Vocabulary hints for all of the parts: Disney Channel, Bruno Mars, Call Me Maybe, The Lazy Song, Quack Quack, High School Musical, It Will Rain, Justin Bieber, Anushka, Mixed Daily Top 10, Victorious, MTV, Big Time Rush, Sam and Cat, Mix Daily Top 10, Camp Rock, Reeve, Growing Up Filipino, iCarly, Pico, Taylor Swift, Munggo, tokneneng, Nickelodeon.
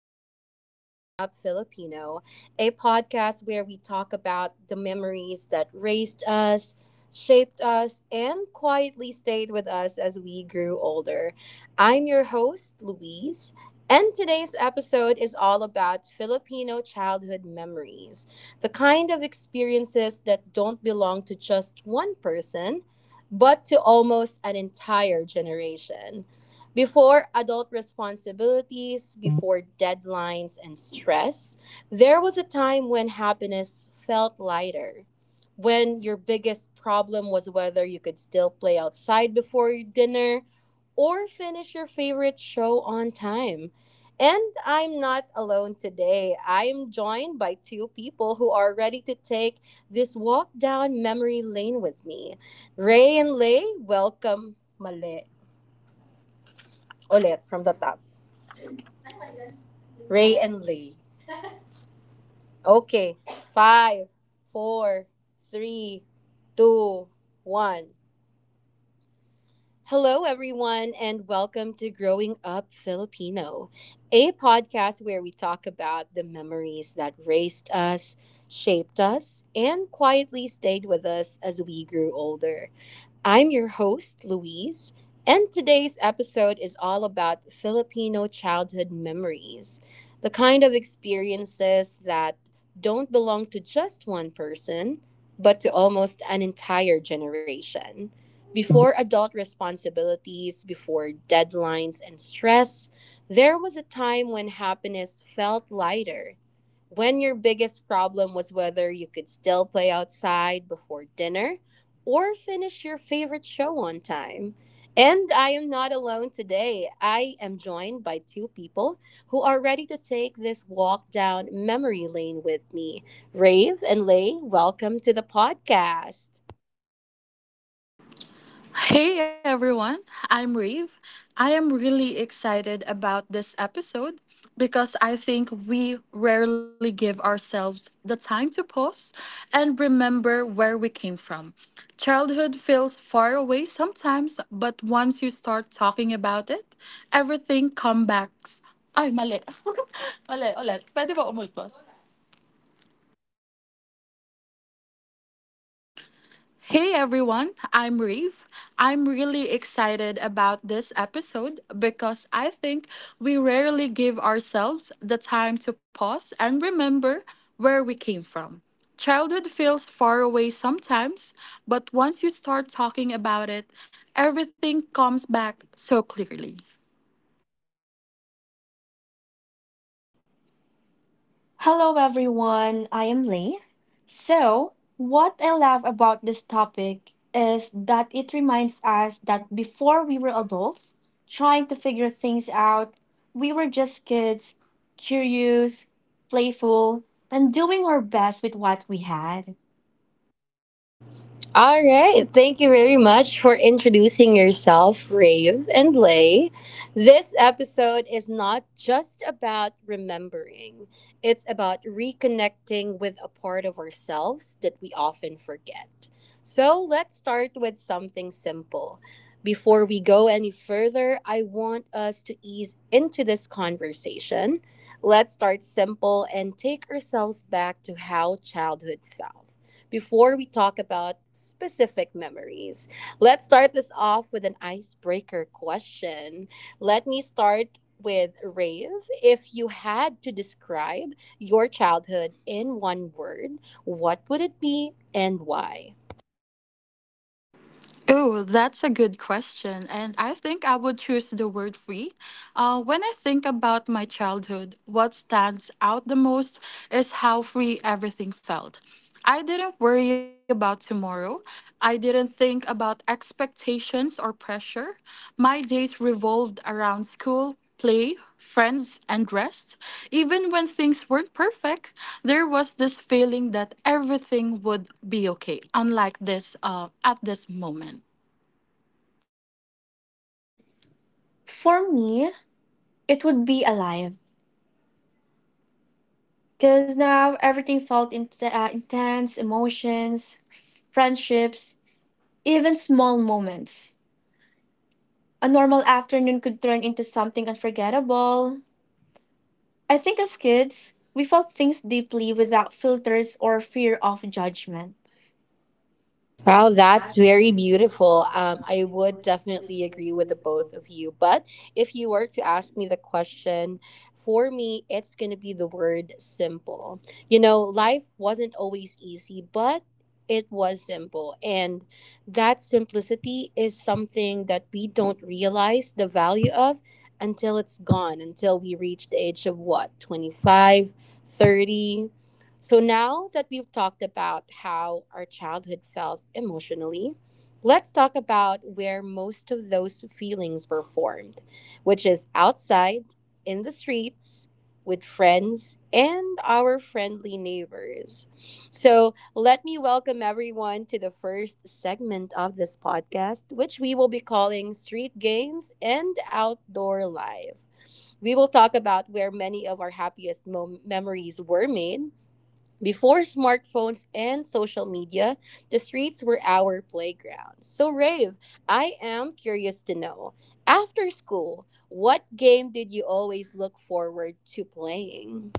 welcome to Growing Up Filipino, a podcast where we talk about the memories that raised us, shaped us, and quietly stayed with us as we grew older. I'm your host, Louise, and today's episode is all about Filipino childhood memories the kind of experiences that don't belong to just one person, but to almost an entire generation. Before adult responsibilities, before deadlines and stress, there was a time when happiness felt lighter. When your biggest problem was whether you could still play outside before dinner or finish your favorite show on time. And I'm not alone today. I am joined by two people who are ready to take this walk down memory lane with me. Ray and Lay, welcome mali ulit from the top. Ray and Lee. Okay. Five, four, three, two, one. Hello, everyone, and welcome to Growing Up Filipino, a podcast where we talk about the memories that raised us, shaped us, and quietly stayed with us as we grew older. I'm your host, Louise, and today's episode is all about Filipino childhood memories the kind of experiences that don't belong to just one person, but to almost an entire generation. Before adult responsibilities, before deadlines and stress, there was a time when happiness felt lighter. When your biggest problem was whether you could still play outside before dinner or finish your favorite show on time. And I am not alone today. I am joined by two people who are ready to take this walk down memory lane with me. Rave and Lay, welcome to the podcast. Hey everyone, I'm Reeve. I am really excited about this episode because I think we rarely give ourselves the time to pause and remember where we came from. Childhood feels far away sometimes, but once you start talking about it, everything comes back. Ay, mali. mali, ulit. Pwede ba umultos? Hey everyone, I'm Reeve. I'm really excited about this episode because I think we rarely give ourselves the time to pause and remember where we came from. Childhood feels far away sometimes, but once you start talking about it, everything comes back so clearly. Hello, everyone. I am Lee. So, what I love about this topic is that it reminds us that before we were adults, trying to figure things out, we were just kids, curious, playful, and doing our best with what we had. All right. Thank you very much for introducing yourself, Rave and Lay. This episode is not just about remembering, it's about reconnecting with a part of ourselves that we often forget. So let's start with something simple. Before we go any further, I want us to ease into this conversation. Let's start simple and take ourselves back to how childhood felt before we talk about specific memories. Let's start this off with an icebreaker question. Let me start with Rave. If you had to describe your childhood in one word, what would it be and why? Oh, that's a good question. And I think I would choose the word free. When I think about my childhood, what stands out the most is how free everything felt. I didn't worry about tomorrow. I didn't think about expectations or pressure. My days revolved around school, play, friends, and rest. Even when things weren't perfect, there was this feeling that everything would be okay, unlike this at this moment. For me, it would be alive. Because now everything felt intense, emotions, friendships, even small moments. A normal afternoon could turn into something unforgettable. I think as kids, we felt things deeply without filters or fear of judgment. Wow, that's very beautiful. I would definitely agree with the both of you. But if you were to ask me the question, for me, it's going to be the word simple. You know, life wasn't always easy, but it was simple. And that simplicity is something that we don't realize the value of until it's gone, until we reach the age of what, 25, 30. So now that we've talked about how our childhood felt emotionally, let's talk about where most of those feelings were formed, which is outside, in the streets, with friends, and our friendly neighbors. So let me welcome everyone to the first segment of this podcast, which we will be calling Street Games and Outdoor Life. We will talk about where many of our happiest memories were made before smartphones and social media, the streets were our playground. So, Rave, I am curious to know after school, what game did you always look forward to playing?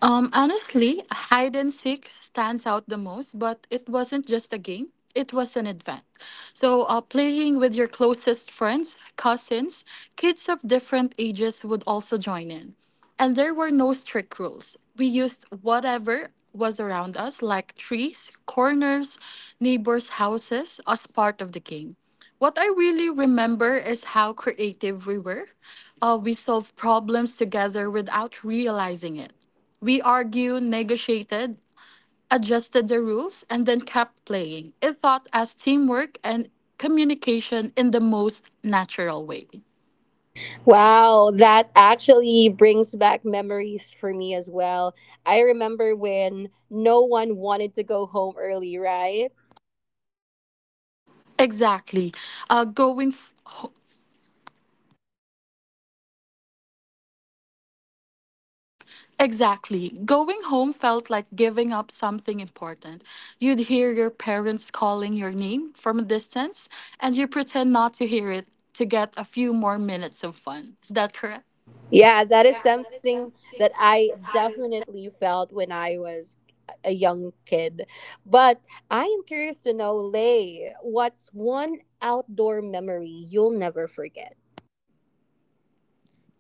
Honestly, hide and seek stands out the most, but it wasn't just a game. It was an event. So, playing with your closest friends, cousins, kids of different ages would also join in. And there were no strict rules. We used whatever was around us, like trees, corners, neighbors' houses, as part of the game. What I really remember is how creative we were. We solved problems together without realizing it. We argued, negotiated, adjusted the rules, and then kept playing. It taught us teamwork and communication in the most natural way. Wow, that actually brings back memories for me as well. I remember when no one wanted to go home early, right? Exactly. Uh, going f- ho- exactly, going home felt like giving up something important. You'd hear your parents calling your name from a distance, and you pretend not to hear it to get a few more minutes of fun. Is that correct? Yeah, that is something that I definitely felt when I was a young kid. But I am curious to know, Lay, what's one outdoor memory you'll never forget?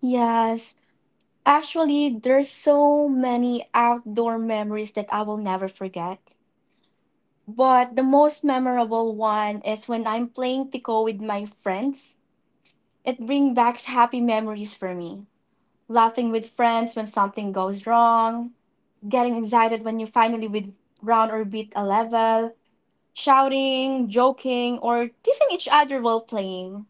Yes, actually, there's so many outdoor memories that I will never forget. But the most memorable one is when I'm playing Pico with my friends. It brings back happy memories for me. Laughing with friends when something goes wrong, getting excited when you finally with round or beat a level, shouting, joking, or teasing each other while playing.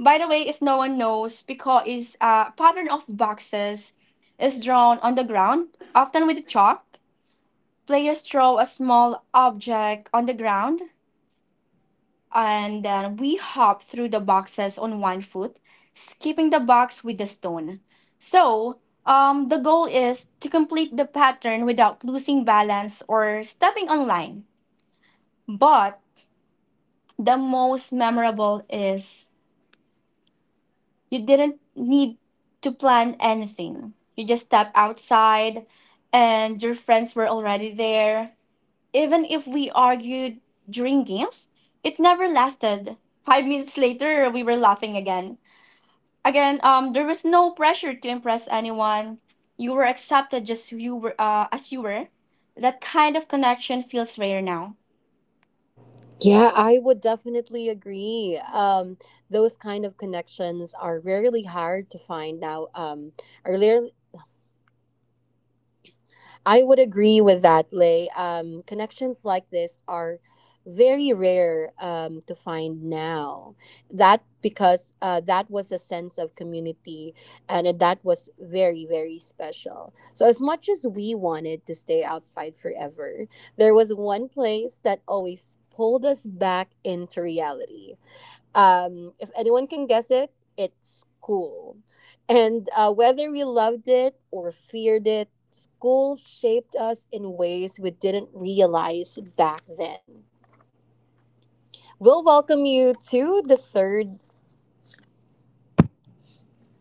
By the way, if no one knows, piko is a pattern of boxes is drawn on the ground, often with chalk. Players throw a small object on the ground, and then we hop through the boxes on 1 foot, skipping the box with the stone. So, the goal is to complete the pattern without losing balance or stepping on line. But the most memorable is, you didn't need to plan anything. You just stepped outside and your friends were already there. Even if we argued during games, it never lasted. 5 minutes later, we were laughing again. There was no pressure to impress anyone. You were accepted just who you were, as you were. That kind of connection feels rare now. Yeah, I would definitely agree. Those kind of connections are rarely hard to find now. Are rarely I would agree with that, Lay. Connections like this are very rare to find now. That because that was a sense of community, and that was very very special. So as much as we wanted to stay outside forever, there was one place that always pulled us back into reality. If anyone can guess it, it's school. And whether we loved it or feared it, school shaped us in ways we didn't realize back then. We'll welcome you to the third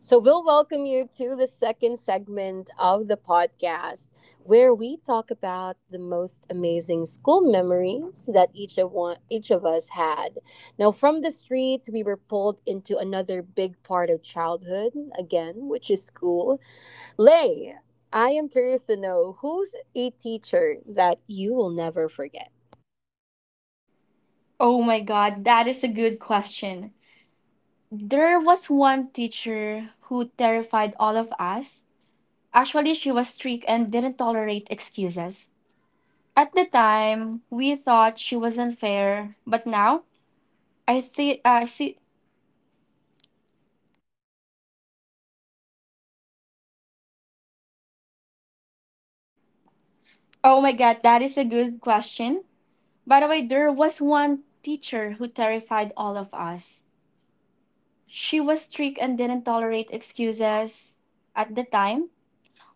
So, we'll welcome you to the second segment of the podcast where we talk about the most amazing school memories that each of us had. Now, from the streets, we were pulled into another big part of childhood, again, which is school. Lay, I am curious to know who's a teacher that you will never forget? Oh my God, that is a good question. There was one teacher who terrified all of us. Actually, she was strict and didn't tolerate excuses. At the time, we thought she was unfair, but now I see. I see. Oh my God, that is a good question. By the way, there was one teacher who terrified all of us. She was strict and didn't tolerate excuses. At the time,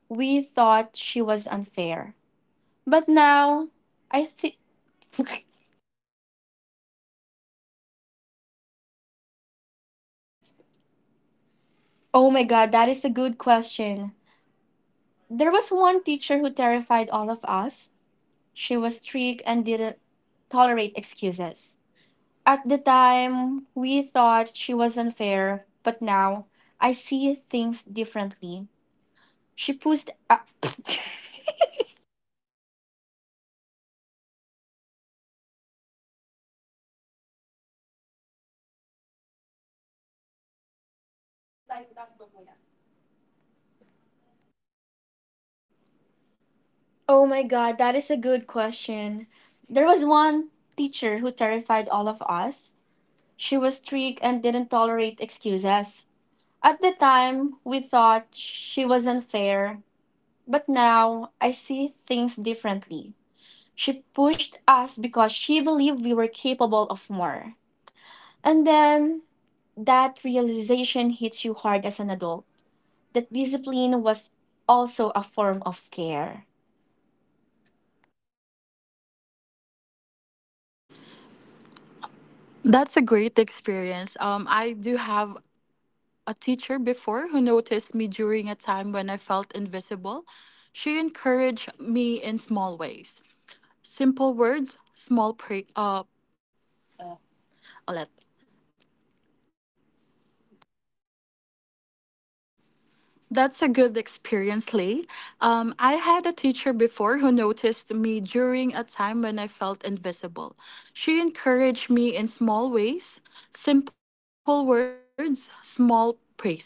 we thought she was unfair, but now I think. oh my God, that is a good question. There was one teacher who terrified all of us. She was strict and didn't tolerate excuses. At the time, we thought she was unfair, but now I see things differently. She pushed. A- oh my God, that is a good question. There was one teacher who terrified all of us. She was strict and didn't tolerate excuses. At the time, we thought she was unfair, but now I see things differently. She pushed us because she believed we were capable of more. And then that realization hits you hard as an adult that discipline was also a form of care. That's a great experience. I do have a teacher before who noticed me during a time when I felt invisible. She encouraged me in small ways, simple words, small pray. That's a good experience, Lee. I had a teacher before who noticed me during a time when I felt invisible. She encouraged me in small ways, simple words, small praises.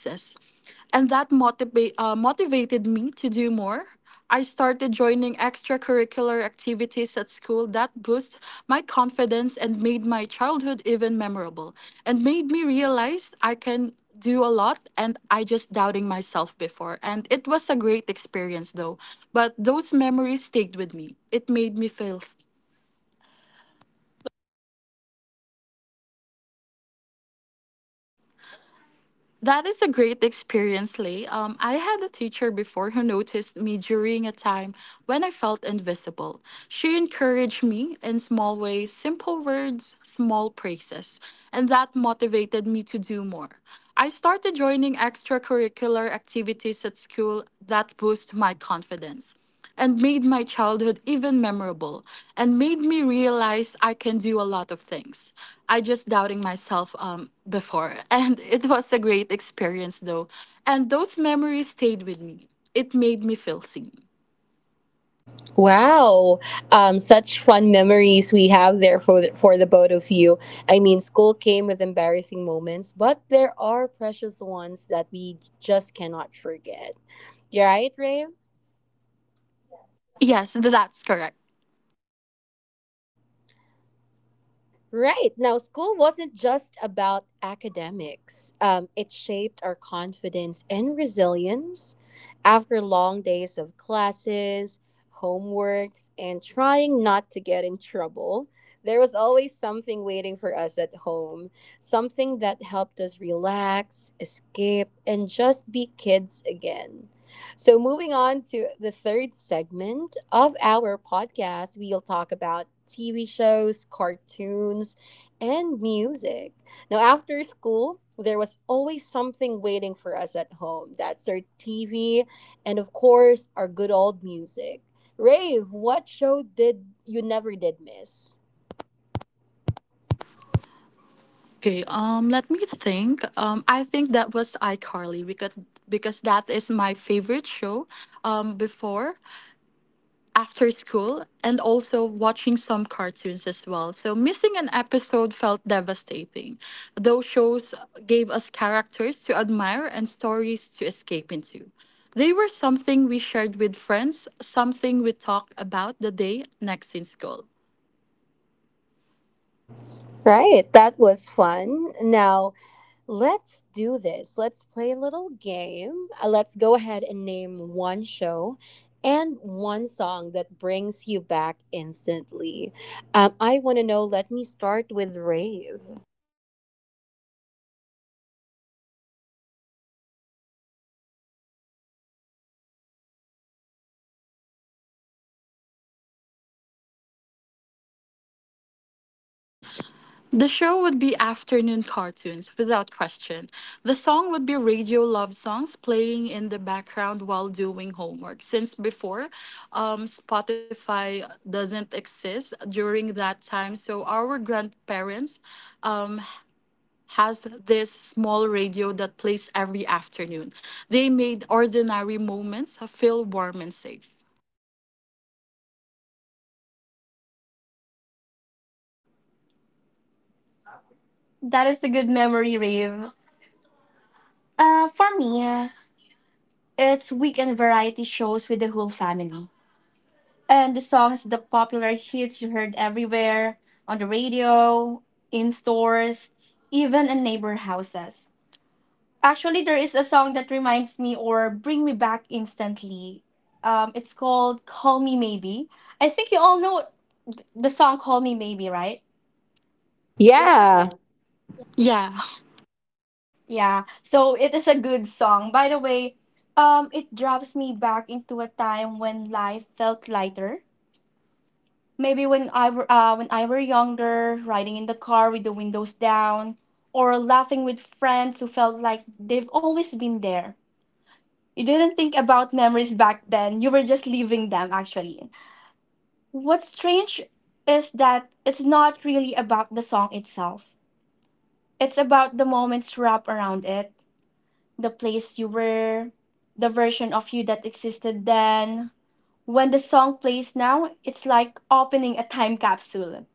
And that motivated me to do more. I started joining extracurricular activities at school that boost my confidence and made my childhood even memorable and made me realize I can do a lot and I just doubting myself before and it was a great experience though but those memories stayed with me it made me feel That is a great experience, Lay. I had a teacher before who noticed me during a time when I felt invisible. She encouraged me in small ways, simple words, small praises, and that motivated me to do more. I started joining extracurricular activities at school that boost my confidence and made my childhood even memorable and made me realize I can do a lot of things. I just doubting myself before. And it was a great experience though. And those memories stayed with me. It made me feel seen. Wow, such fun memories we have there for for the both of you. I mean, school came with embarrassing moments, but there are precious ones that we just cannot forget. You're right, Ray? Yes, that's correct. Right. Now, school wasn't just about academics, it shaped our confidence and resilience. After long days of classes, homeworks, and trying not to get in trouble, there was always something waiting for us at home, something that helped us relax, escape, and just be kids again. So, moving on to the third segment of our podcast, we'll talk about TV shows, cartoons, and music. Now, after school, there was always something waiting for us at home. That's our TV and, of course, our good old music. Rave, what show did you never did miss? Okay, let me think. I think that was iCarly because that is my favorite show before after school and also watching some cartoons as well. So missing an episode felt devastating. Those shows gave us characters to admire and stories to escape into. They were something we shared with friends, something we talked about the day next in school. Right, that was fun. Now, let's do this. Let's play a little game. Let's go ahead and name one show and one song that brings you back instantly. I want to know. Let me start with Rave. The show would be afternoon cartoons, without question. The song would be radio love songs playing in the background while doing homework. Since before, Spotify doesn't exist during that time, so our grandparents um, has this small radio that plays every afternoon. They made ordinary moments feel warm and safe. That is a good memory, Rave. For me, it's weekend variety shows with the whole family. And the songs, the popular hits you heard everywhere on the radio, in stores, even in neighbor houses. Actually, there is a song that reminds me or bring me back instantly. It's called "Call Me Maybe." I think you all know the song "Call Me Maybe," right? Yeah. Yeah. Yeah. So it is a good song. It drops me back into a time when life felt lighter. Maybe when I were younger, riding in the car with the windows down, or laughing with friends who felt like they've always been there. You didn't think about memories back then, you were just living them actually. What's strange is that it's not really about the song itself, it's about the moments wrapped around it, the place you were, the version of you that existed then. When the song plays now, it's like opening a time capsule.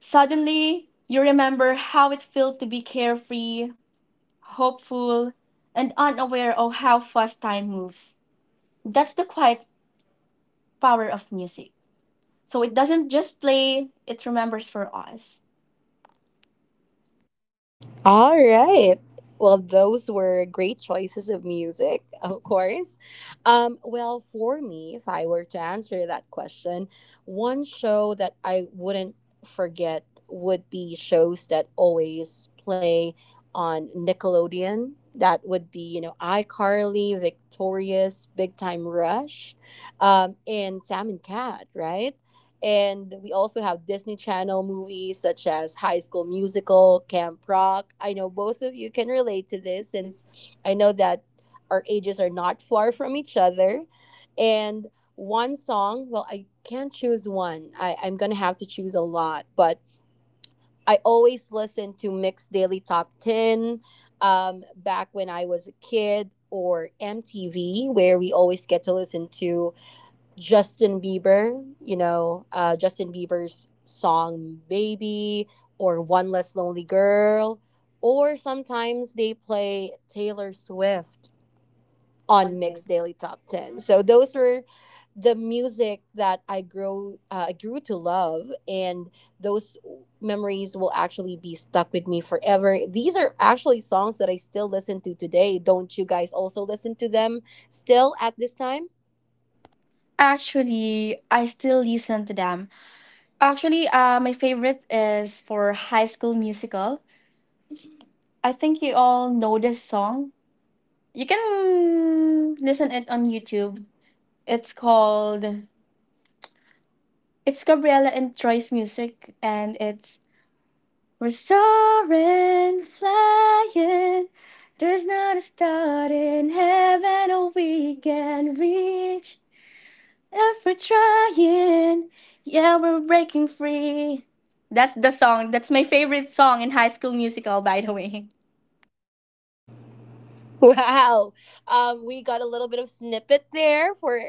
Suddenly, you remember how it felt to be carefree, hopeful, and unaware of how fast time moves. That's the quiet power of music. So it doesn't just play, it remembers for us. All right. Well, those were great choices of music, of course. Well, for me, if I were to answer that question, one show that I wouldn't forget would be shows that always play on Nickelodeon. That would be, you know, iCarly, Victorious, Big Time Rush, and Sam and Cat, right? And we also have Disney Channel movies such as High School Musical, Camp Rock. I know both of you can relate to this since I know that our ages are not far from each other. And one song, well, I can't choose one. I'm going to have to choose a lot. But I always listen to Mix Daily Top 10 back when I was a kid or MTV, where we always get to listen to Justin Bieber, you know, Justin Bieber's song Baby or One Less Lonely Girl, or sometimes they play Taylor Swift on Mixed Daily Top 10. So those were the music that I grew to love and those memories will actually be stuck with me forever. These are actually songs that I still listen to today. Don't you guys also listen to them still at this time? Actually, I still listen to them. My favorite is for High School Musical. I think you all know this song. You can listen it on YouTube. It's called, it's Gabriella and Troy's music and it's, we're soaring, flying. There's not a star in heaven or we can reach. If we're trying, yeah, we're breaking free. That's the song. That's my favorite song in High School Musical, by the way. Wow. We got a little bit of snippet there for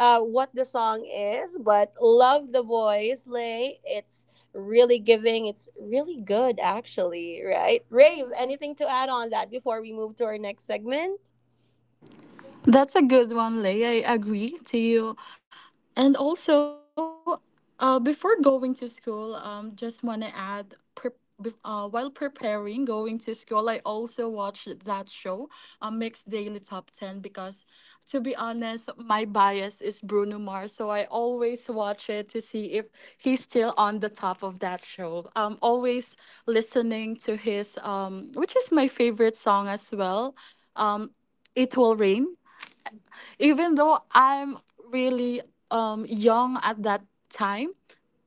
what the song is, but love the voice, Lay. It's really giving. It's really good, actually, right? Rave, anything to add on that before we move to our next segment? That's a good one, Lay. I agree to you. And also, before going to school, just want to add, while preparing going to school, I also watched that show, Mixed Daily Top 10, because to be honest, my bias is Bruno Mars. So I always watch it to see if he's still on the top of that show. I'm always listening to his, which is my favorite song as well, It Will Rain even though I'm really young at that time,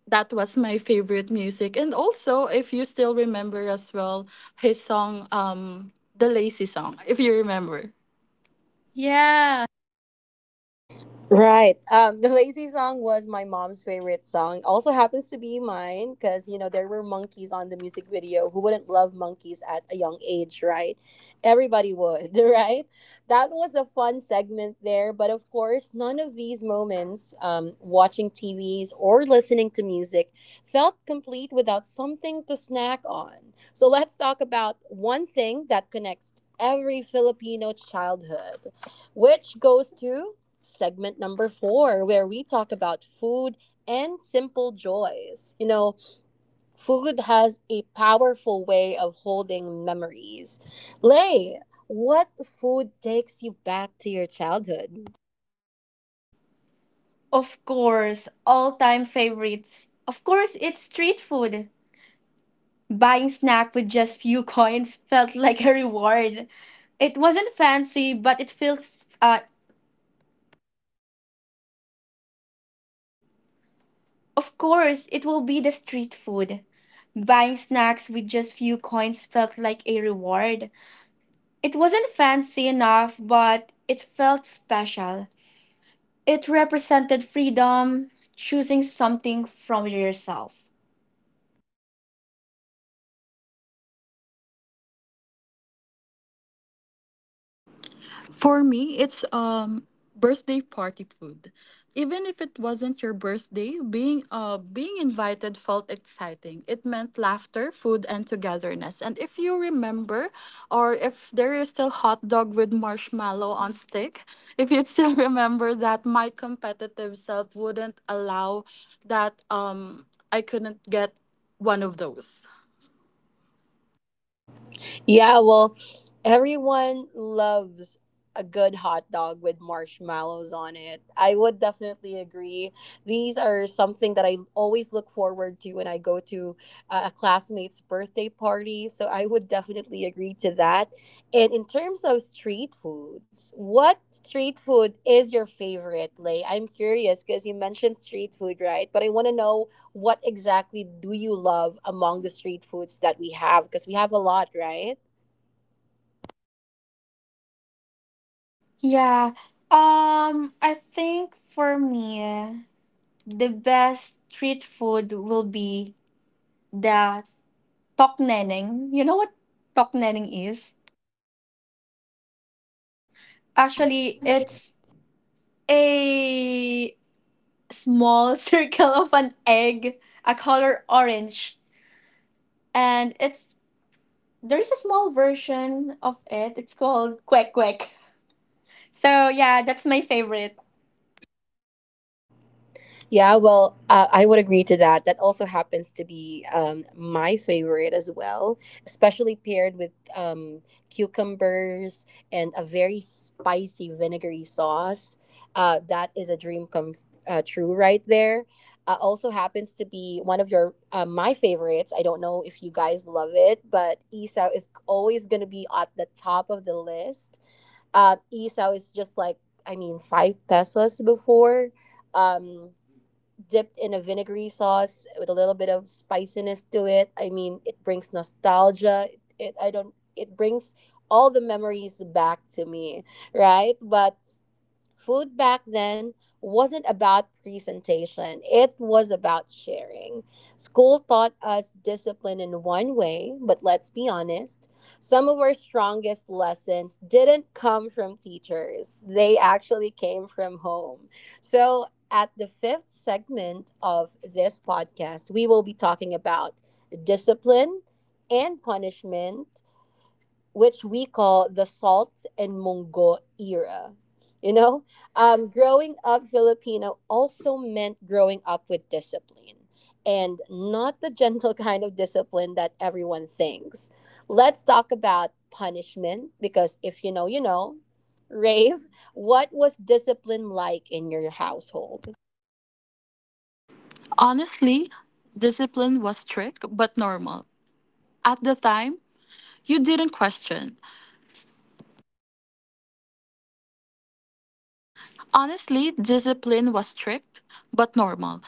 that was my favorite music. And also, if you still remember as well, his song, The Lazy Song, if you remember. Yeah. Right. The lazy song was my mom's favorite song. Also happens to be mine because you know there were monkeys on the music video. Who wouldn't love monkeys at a young age, right? Everybody would, right? That was a fun segment there, but of course, none of these moments, watching TVs or listening to music, felt complete without something to snack on. So let's talk about one thing that connects every Filipino childhood, which goes to segment number four, where we talk about food and simple joys. You know, food has a powerful way of holding memories. Lay, what food takes you back to your childhood? Of course, all time favorites. Of course, it's street food. Buying snack with just few coins felt like a reward. It wasn't fancy, but it feels. Of course, it will be the street food. Buying snacks with just few coins felt like a reward. It wasn't fancy enough, but it felt special. It represented freedom, choosing something from yourself. For me, it's birthday party food. Even if it wasn't your birthday, being invited felt exciting. It meant laughter, food, and togetherness. And if you remember, or if there is still hot dog with marshmallow on stick, if you still remember that, my competitive self wouldn't allow that. I couldn't get one of those. Yeah, well, everyone loves a good hot dog with marshmallows on it. I would definitely agree. These are something that I always look forward to when I go to a classmate's birthday party. So I would definitely agree to that. And in terms of street foods, what street food is your favorite, Lay? I'm curious because you mentioned street food, right? But I want to know what exactly do you love among the street foods that we have? Because we have a lot, right? Yeah. I think for me the best street food will be the tokneneng. You know what tokneneng is? Actually, Actually, it's a small circle of an egg, a color orange, and it's, there is a small version of it. It's called Quack Quack. So yeah, that's my favorite. Yeah, well, I would agree to that. That also happens to be my favorite as well, especially paired with cucumbers and a very spicy vinegary sauce. That is a dream come true right there. Also happens to be one of your my favorites. I don't know if you guys love it, but isaw is always going to be at the top of the list isaw is just like I mean 5 pesos before. Um, dipped in a vinegary sauce with a little bit of spiciness to it. I mean, it brings nostalgia. It I don't it brings all the memories back to me, right? But food back then wasn't about presentation, it was about sharing. School taught us discipline in one way, but let's be honest, some of our strongest lessons didn't come from teachers, they actually came from home. So, at the fifth segment of this podcast, we will be talking about discipline and punishment which we call the salt and mungo era. You know, growing up Filipino also meant growing up with discipline and not the gentle kind of discipline that everyone thinks. Let's talk about punishment because if you know, you know. Rave, what was discipline like in your household? Honestly, discipline was strict but normal. At the time, you didn't question. Honestly, discipline was strict, but normal.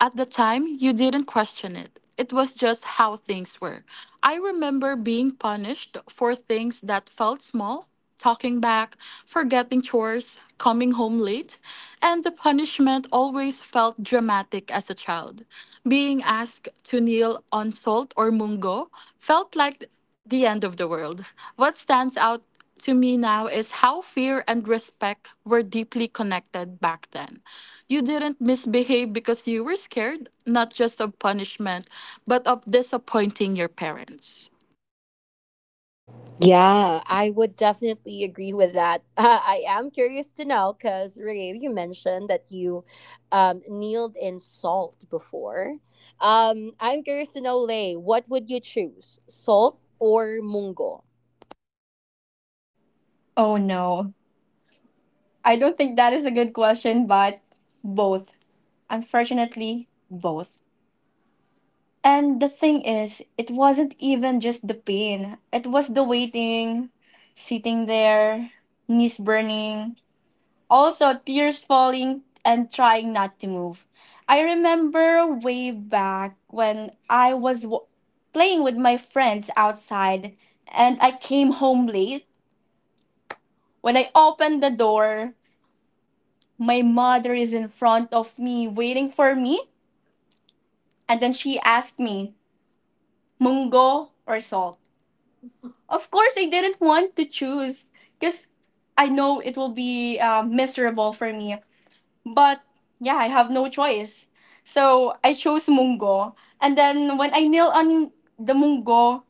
At the time, you didn't question it. It was just how things were. I remember being punished for things that felt small, talking back, forgetting chores, coming home late, and the punishment always felt dramatic as a child. Being asked to kneel on salt or mungo felt like the end of the world. What stands out to me now is how fear and respect were deeply connected back then. You didn't misbehave because you were scared, not just of punishment, but of disappointing your parents. Yeah, I would definitely agree with that. I am curious to know because Ray, you mentioned that you kneeled in salt before. I'm curious to know, Lay, what would you choose, salt Oh or mungo? no. I don't think that is a good question, but both. Unfortunately, both. And the thing is, it wasn't even just the pain. It was the waiting, sitting there, knees burning, also, tears falling and trying not to move. I remember way back when playing with my friends outside and I came home late. When I opened the door, my mother is in front of me waiting for me, and then she asked me, Mungo or salt? Of course, I didn't want to choose because I know it will be miserable for me. But yeah, I have no choice. So I chose Munggo. And then when I kneel on the Munggo,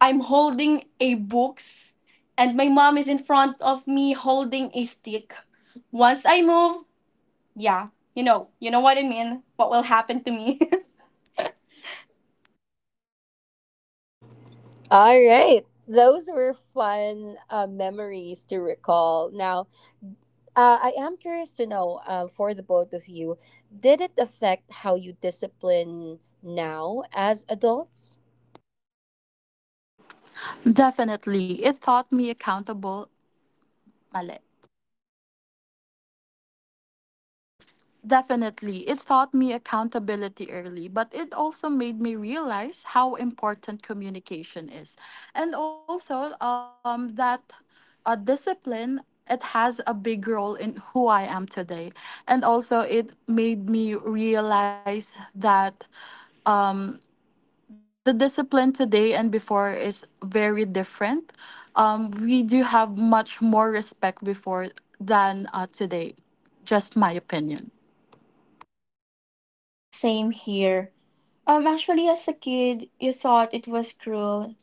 I'm holding a books and my mom is in front of me holding a stick. Once I move, yeah, you know what I mean? What will happen to me? All right, those were fun memories to recall. Now, I am curious to know for the both of you, did it affect how you discipline now as adults? Definitely, it taught me accountable. Mali. Definitely. It taught me accountability early, but it also made me realize how important communication is. And also that discipline, it has a big role in who I am today. And also, it made me realize that the discipline today and before is very different. We do have much more respect before than today. Just my opinion. Same here. Actually as a kid, you thought it was cruel.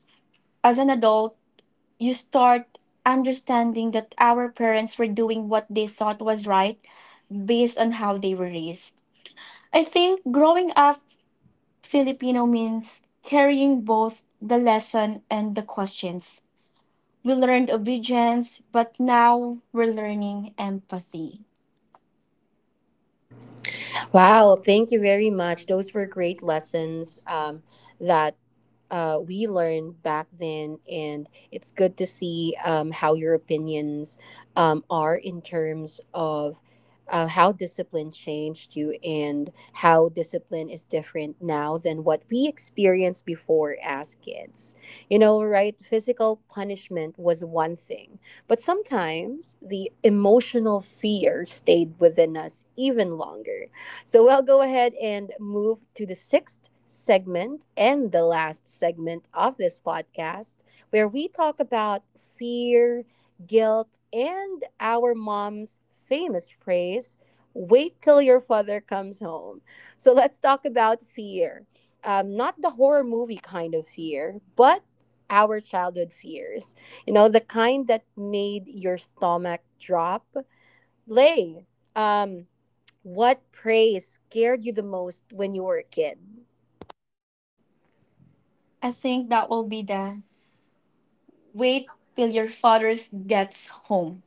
As an adult, you start understanding that our parents were doing what they thought was right based on how they were raised. I think growing up Filipino means carrying both the lesson and the questions. We learned obedience, but now we're learning empathy. Wow, thank you very much. Those were great lessons that we learned back then, and it's good to see how your opinions are in terms of how discipline changed you and how discipline is different now than what we experienced before as kids. You know, right? Physical punishment was one thing, but sometimes the emotional fear stayed within us even longer, so we'll go ahead and move to the sixth segment and the last segment of this podcast, where we talk about fear, guilt, and our mom's famous phrase, wait till your father comes home. So let's talk about fear. Not the horror movie kind of fear, but our childhood fears. You know, the kind that made your stomach drop. Lay. Um, what praise scared you the most when you were a kid? I think that will be the wait till your father gets home.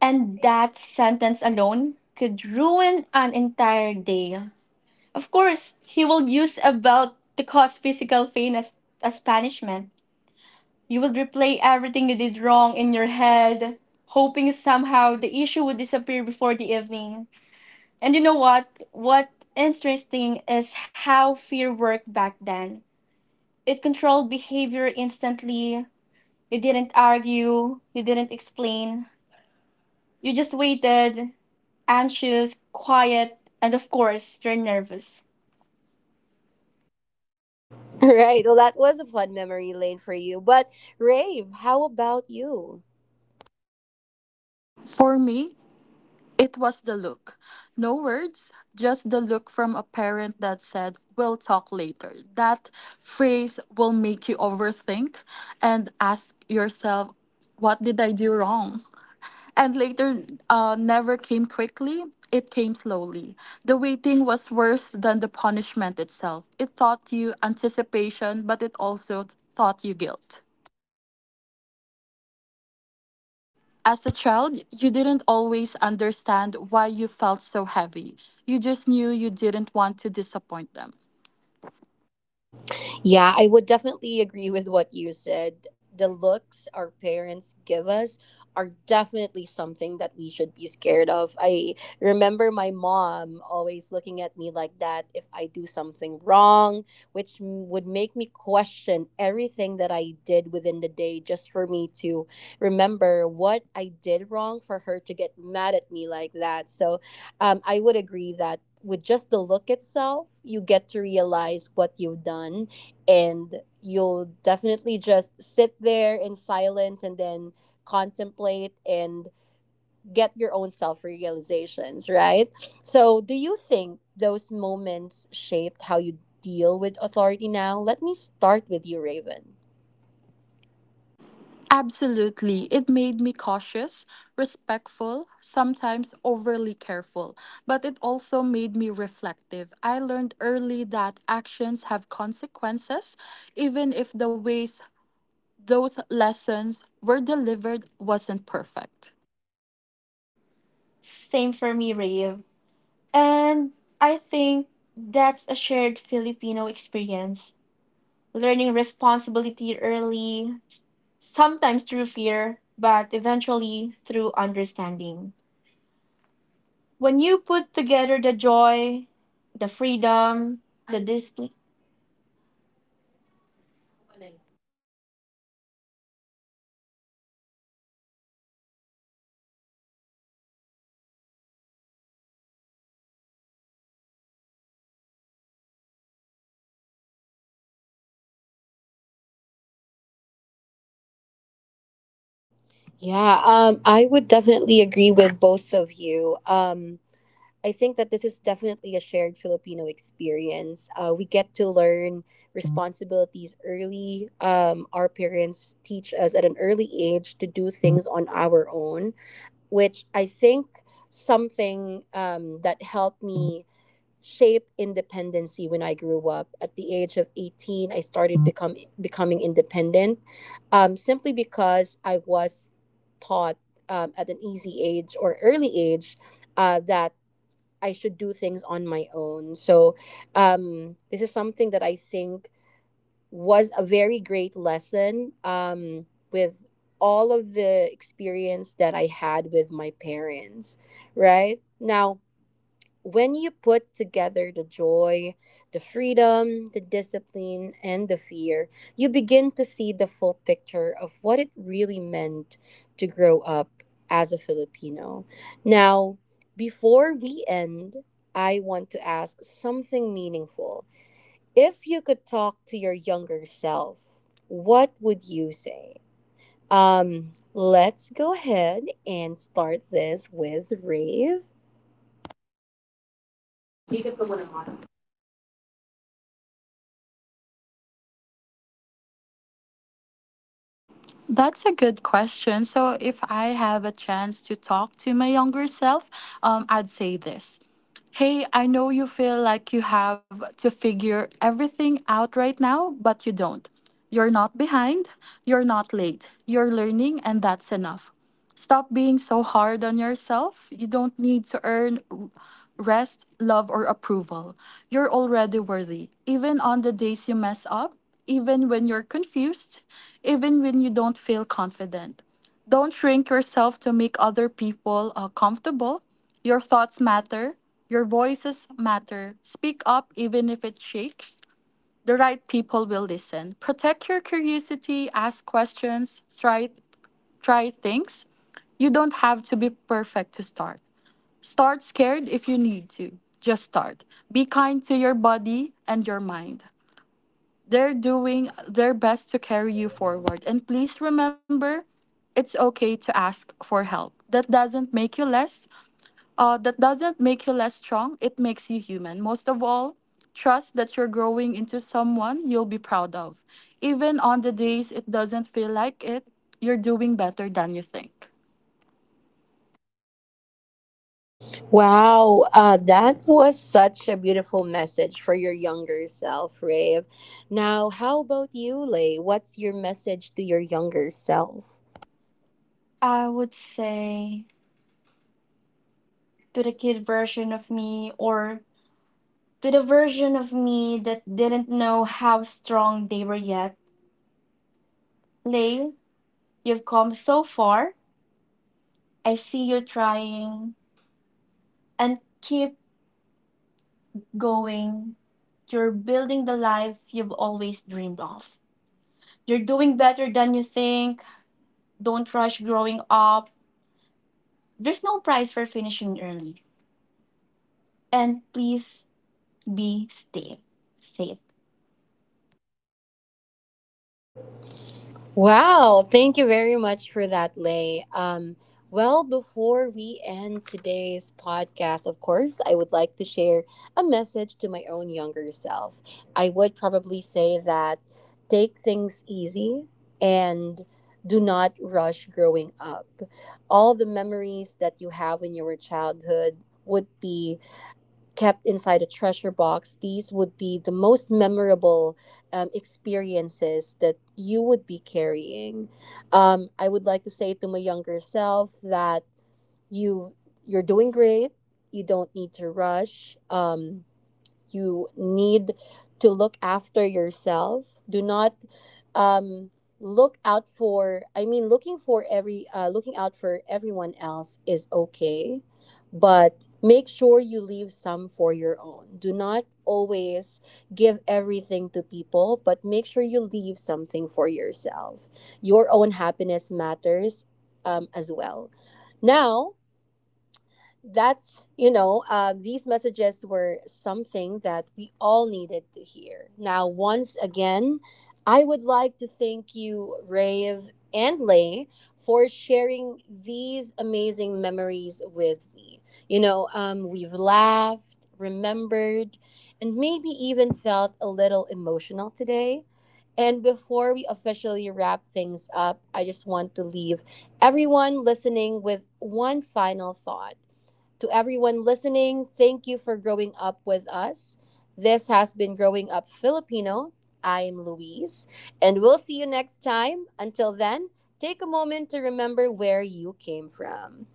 And that sentence alone could ruin an entire day. Of course, he will use about to cause physical pain as punishment. You would replay everything you did wrong in your head, hoping somehow the issue would disappear before the evening. And you know what? What interesting is how fear worked back then. It controlled behavior instantly. You didn't argue, you didn't explain. You just waited, anxious, quiet, and of course, you're nervous. Right. Well, that was a fun memory lane for you. But Rave, how about you? For me, it was the look. No words, just the look from a parent that said, we'll talk later. That phrase will make you overthink and ask yourself, what did I do wrong? And later never came quickly, it came slowly. The waiting was worse than the punishment itself. It taught you anticipation, but it also taught you guilt. As a child, you didn't always understand why you felt so heavy. You just knew you didn't want to disappoint them. Yeah, I would definitely agree with what you said. The looks our parents give us are definitely something that we should be scared of. I remember my mom always looking at me like that if I do something wrong, which would make me question everything that I did within the day just for me to remember what I did wrong for her to get mad at me like that. So I would agree that with just the look itself, you get to realize what you've done and you'll definitely just sit there in silence and then contemplate and get your own self realizations, right? So, do you think those moments shaped how you deal with authority now? Let me start with you, Raven. Absolutely. It made me cautious, respectful, sometimes overly careful, but it also made me reflective. I learned early that actions have consequences, even if the ways those lessons were delivered wasn't perfect. Same for me, Rave. And I think that's a shared Filipino experience, learning responsibility early, sometimes through fear, but eventually through understanding. When you put together the joy, the freedom, the discipline, Yeah, I would definitely agree with both of you. I think that this is definitely a shared Filipino experience. We get to learn responsibilities early. Our parents teach us at an early age to do things on our own, which I think something that helped me shape independency when I grew up. At the age of 18, I started becoming independent simply because I was taught at an easy age or early age that I should do things on my own. So, this is something that I think was a very great lesson with all of the experience that I had with my parents, right? Now, when you put together the joy, the freedom, the discipline, and the fear, you begin to see the full picture of what it really meant to grow up as a Filipino. Now, before we end, I want to ask something meaningful. If you could talk to your younger self, what would you say? Let's go ahead and start this with Rave. That's a good question. So, if I have a chance to talk to my younger self, I'd say this. Hey, I know you feel like you have to figure everything out right now, but you don't. You're not behind, you're not late, you're learning, and that's enough. Stop being so hard on yourself. You don't need to earn rest, love, or approval. You're already worthy. Even on the days you mess up, even when you're confused, even when you don't feel confident. Don't shrink yourself to make other people comfortable. Your thoughts matter. Your voices matter. Speak up even if it shakes. The right people will listen. Protect your curiosity, ask questions, try things. You don't have to be perfect to start. Start scared if you need to. Just start. Be kind to your body and your mind. They're doing their best to carry you forward. And please remember, it's okay to ask for help. That doesn't make you less strong. It makes you human. Most of all, trust that you're growing into someone you'll be proud of. Even on the days it doesn't feel like it, you're doing better than you think. Wow, that was such a beautiful message for your younger self, Rave. Now, how about you, Lay? What's your message to your younger self? I would say to the kid version of me or to the version of me that didn't know how strong they were yet, Lay, you've come so far. I see you're trying and keep going. You're building the life you've always dreamed of. You're doing better than you think. Don't rush growing up. There's no price for finishing early. And please be safe. Safe. Wow, thank you very much for that, Lay. Well, before we end today's podcast, of course, I would like to share a message to my own younger self. I would probably say that take things easy and do not rush growing up. All the memories that you have in your childhood would be kept inside a treasure box, these would be the most memorable experiences that you would be carrying. I would like to say to my younger self that you you're doing great. You don't need to rush. You need to look after yourself. Do not um, looking out for everyone else is okay, but make sure you leave some for your own. Do not always give everything to people, but make sure you leave something for yourself. Your own happiness matters as well. Now, that's you know these messages were something that we all needed to hear. Now, once again, I would like to thank you, Rave and Lay, for sharing these amazing memories with me. We've laughed, remembered, and maybe even felt a little emotional today. And before we officially wrap things up, I just want to leave everyone listening with one final thought. To everyone listening, thank you for growing up with us. This has been Growing Up Filipino. I am Louise, and we'll see you next time. Until then, take a moment to remember where you came from.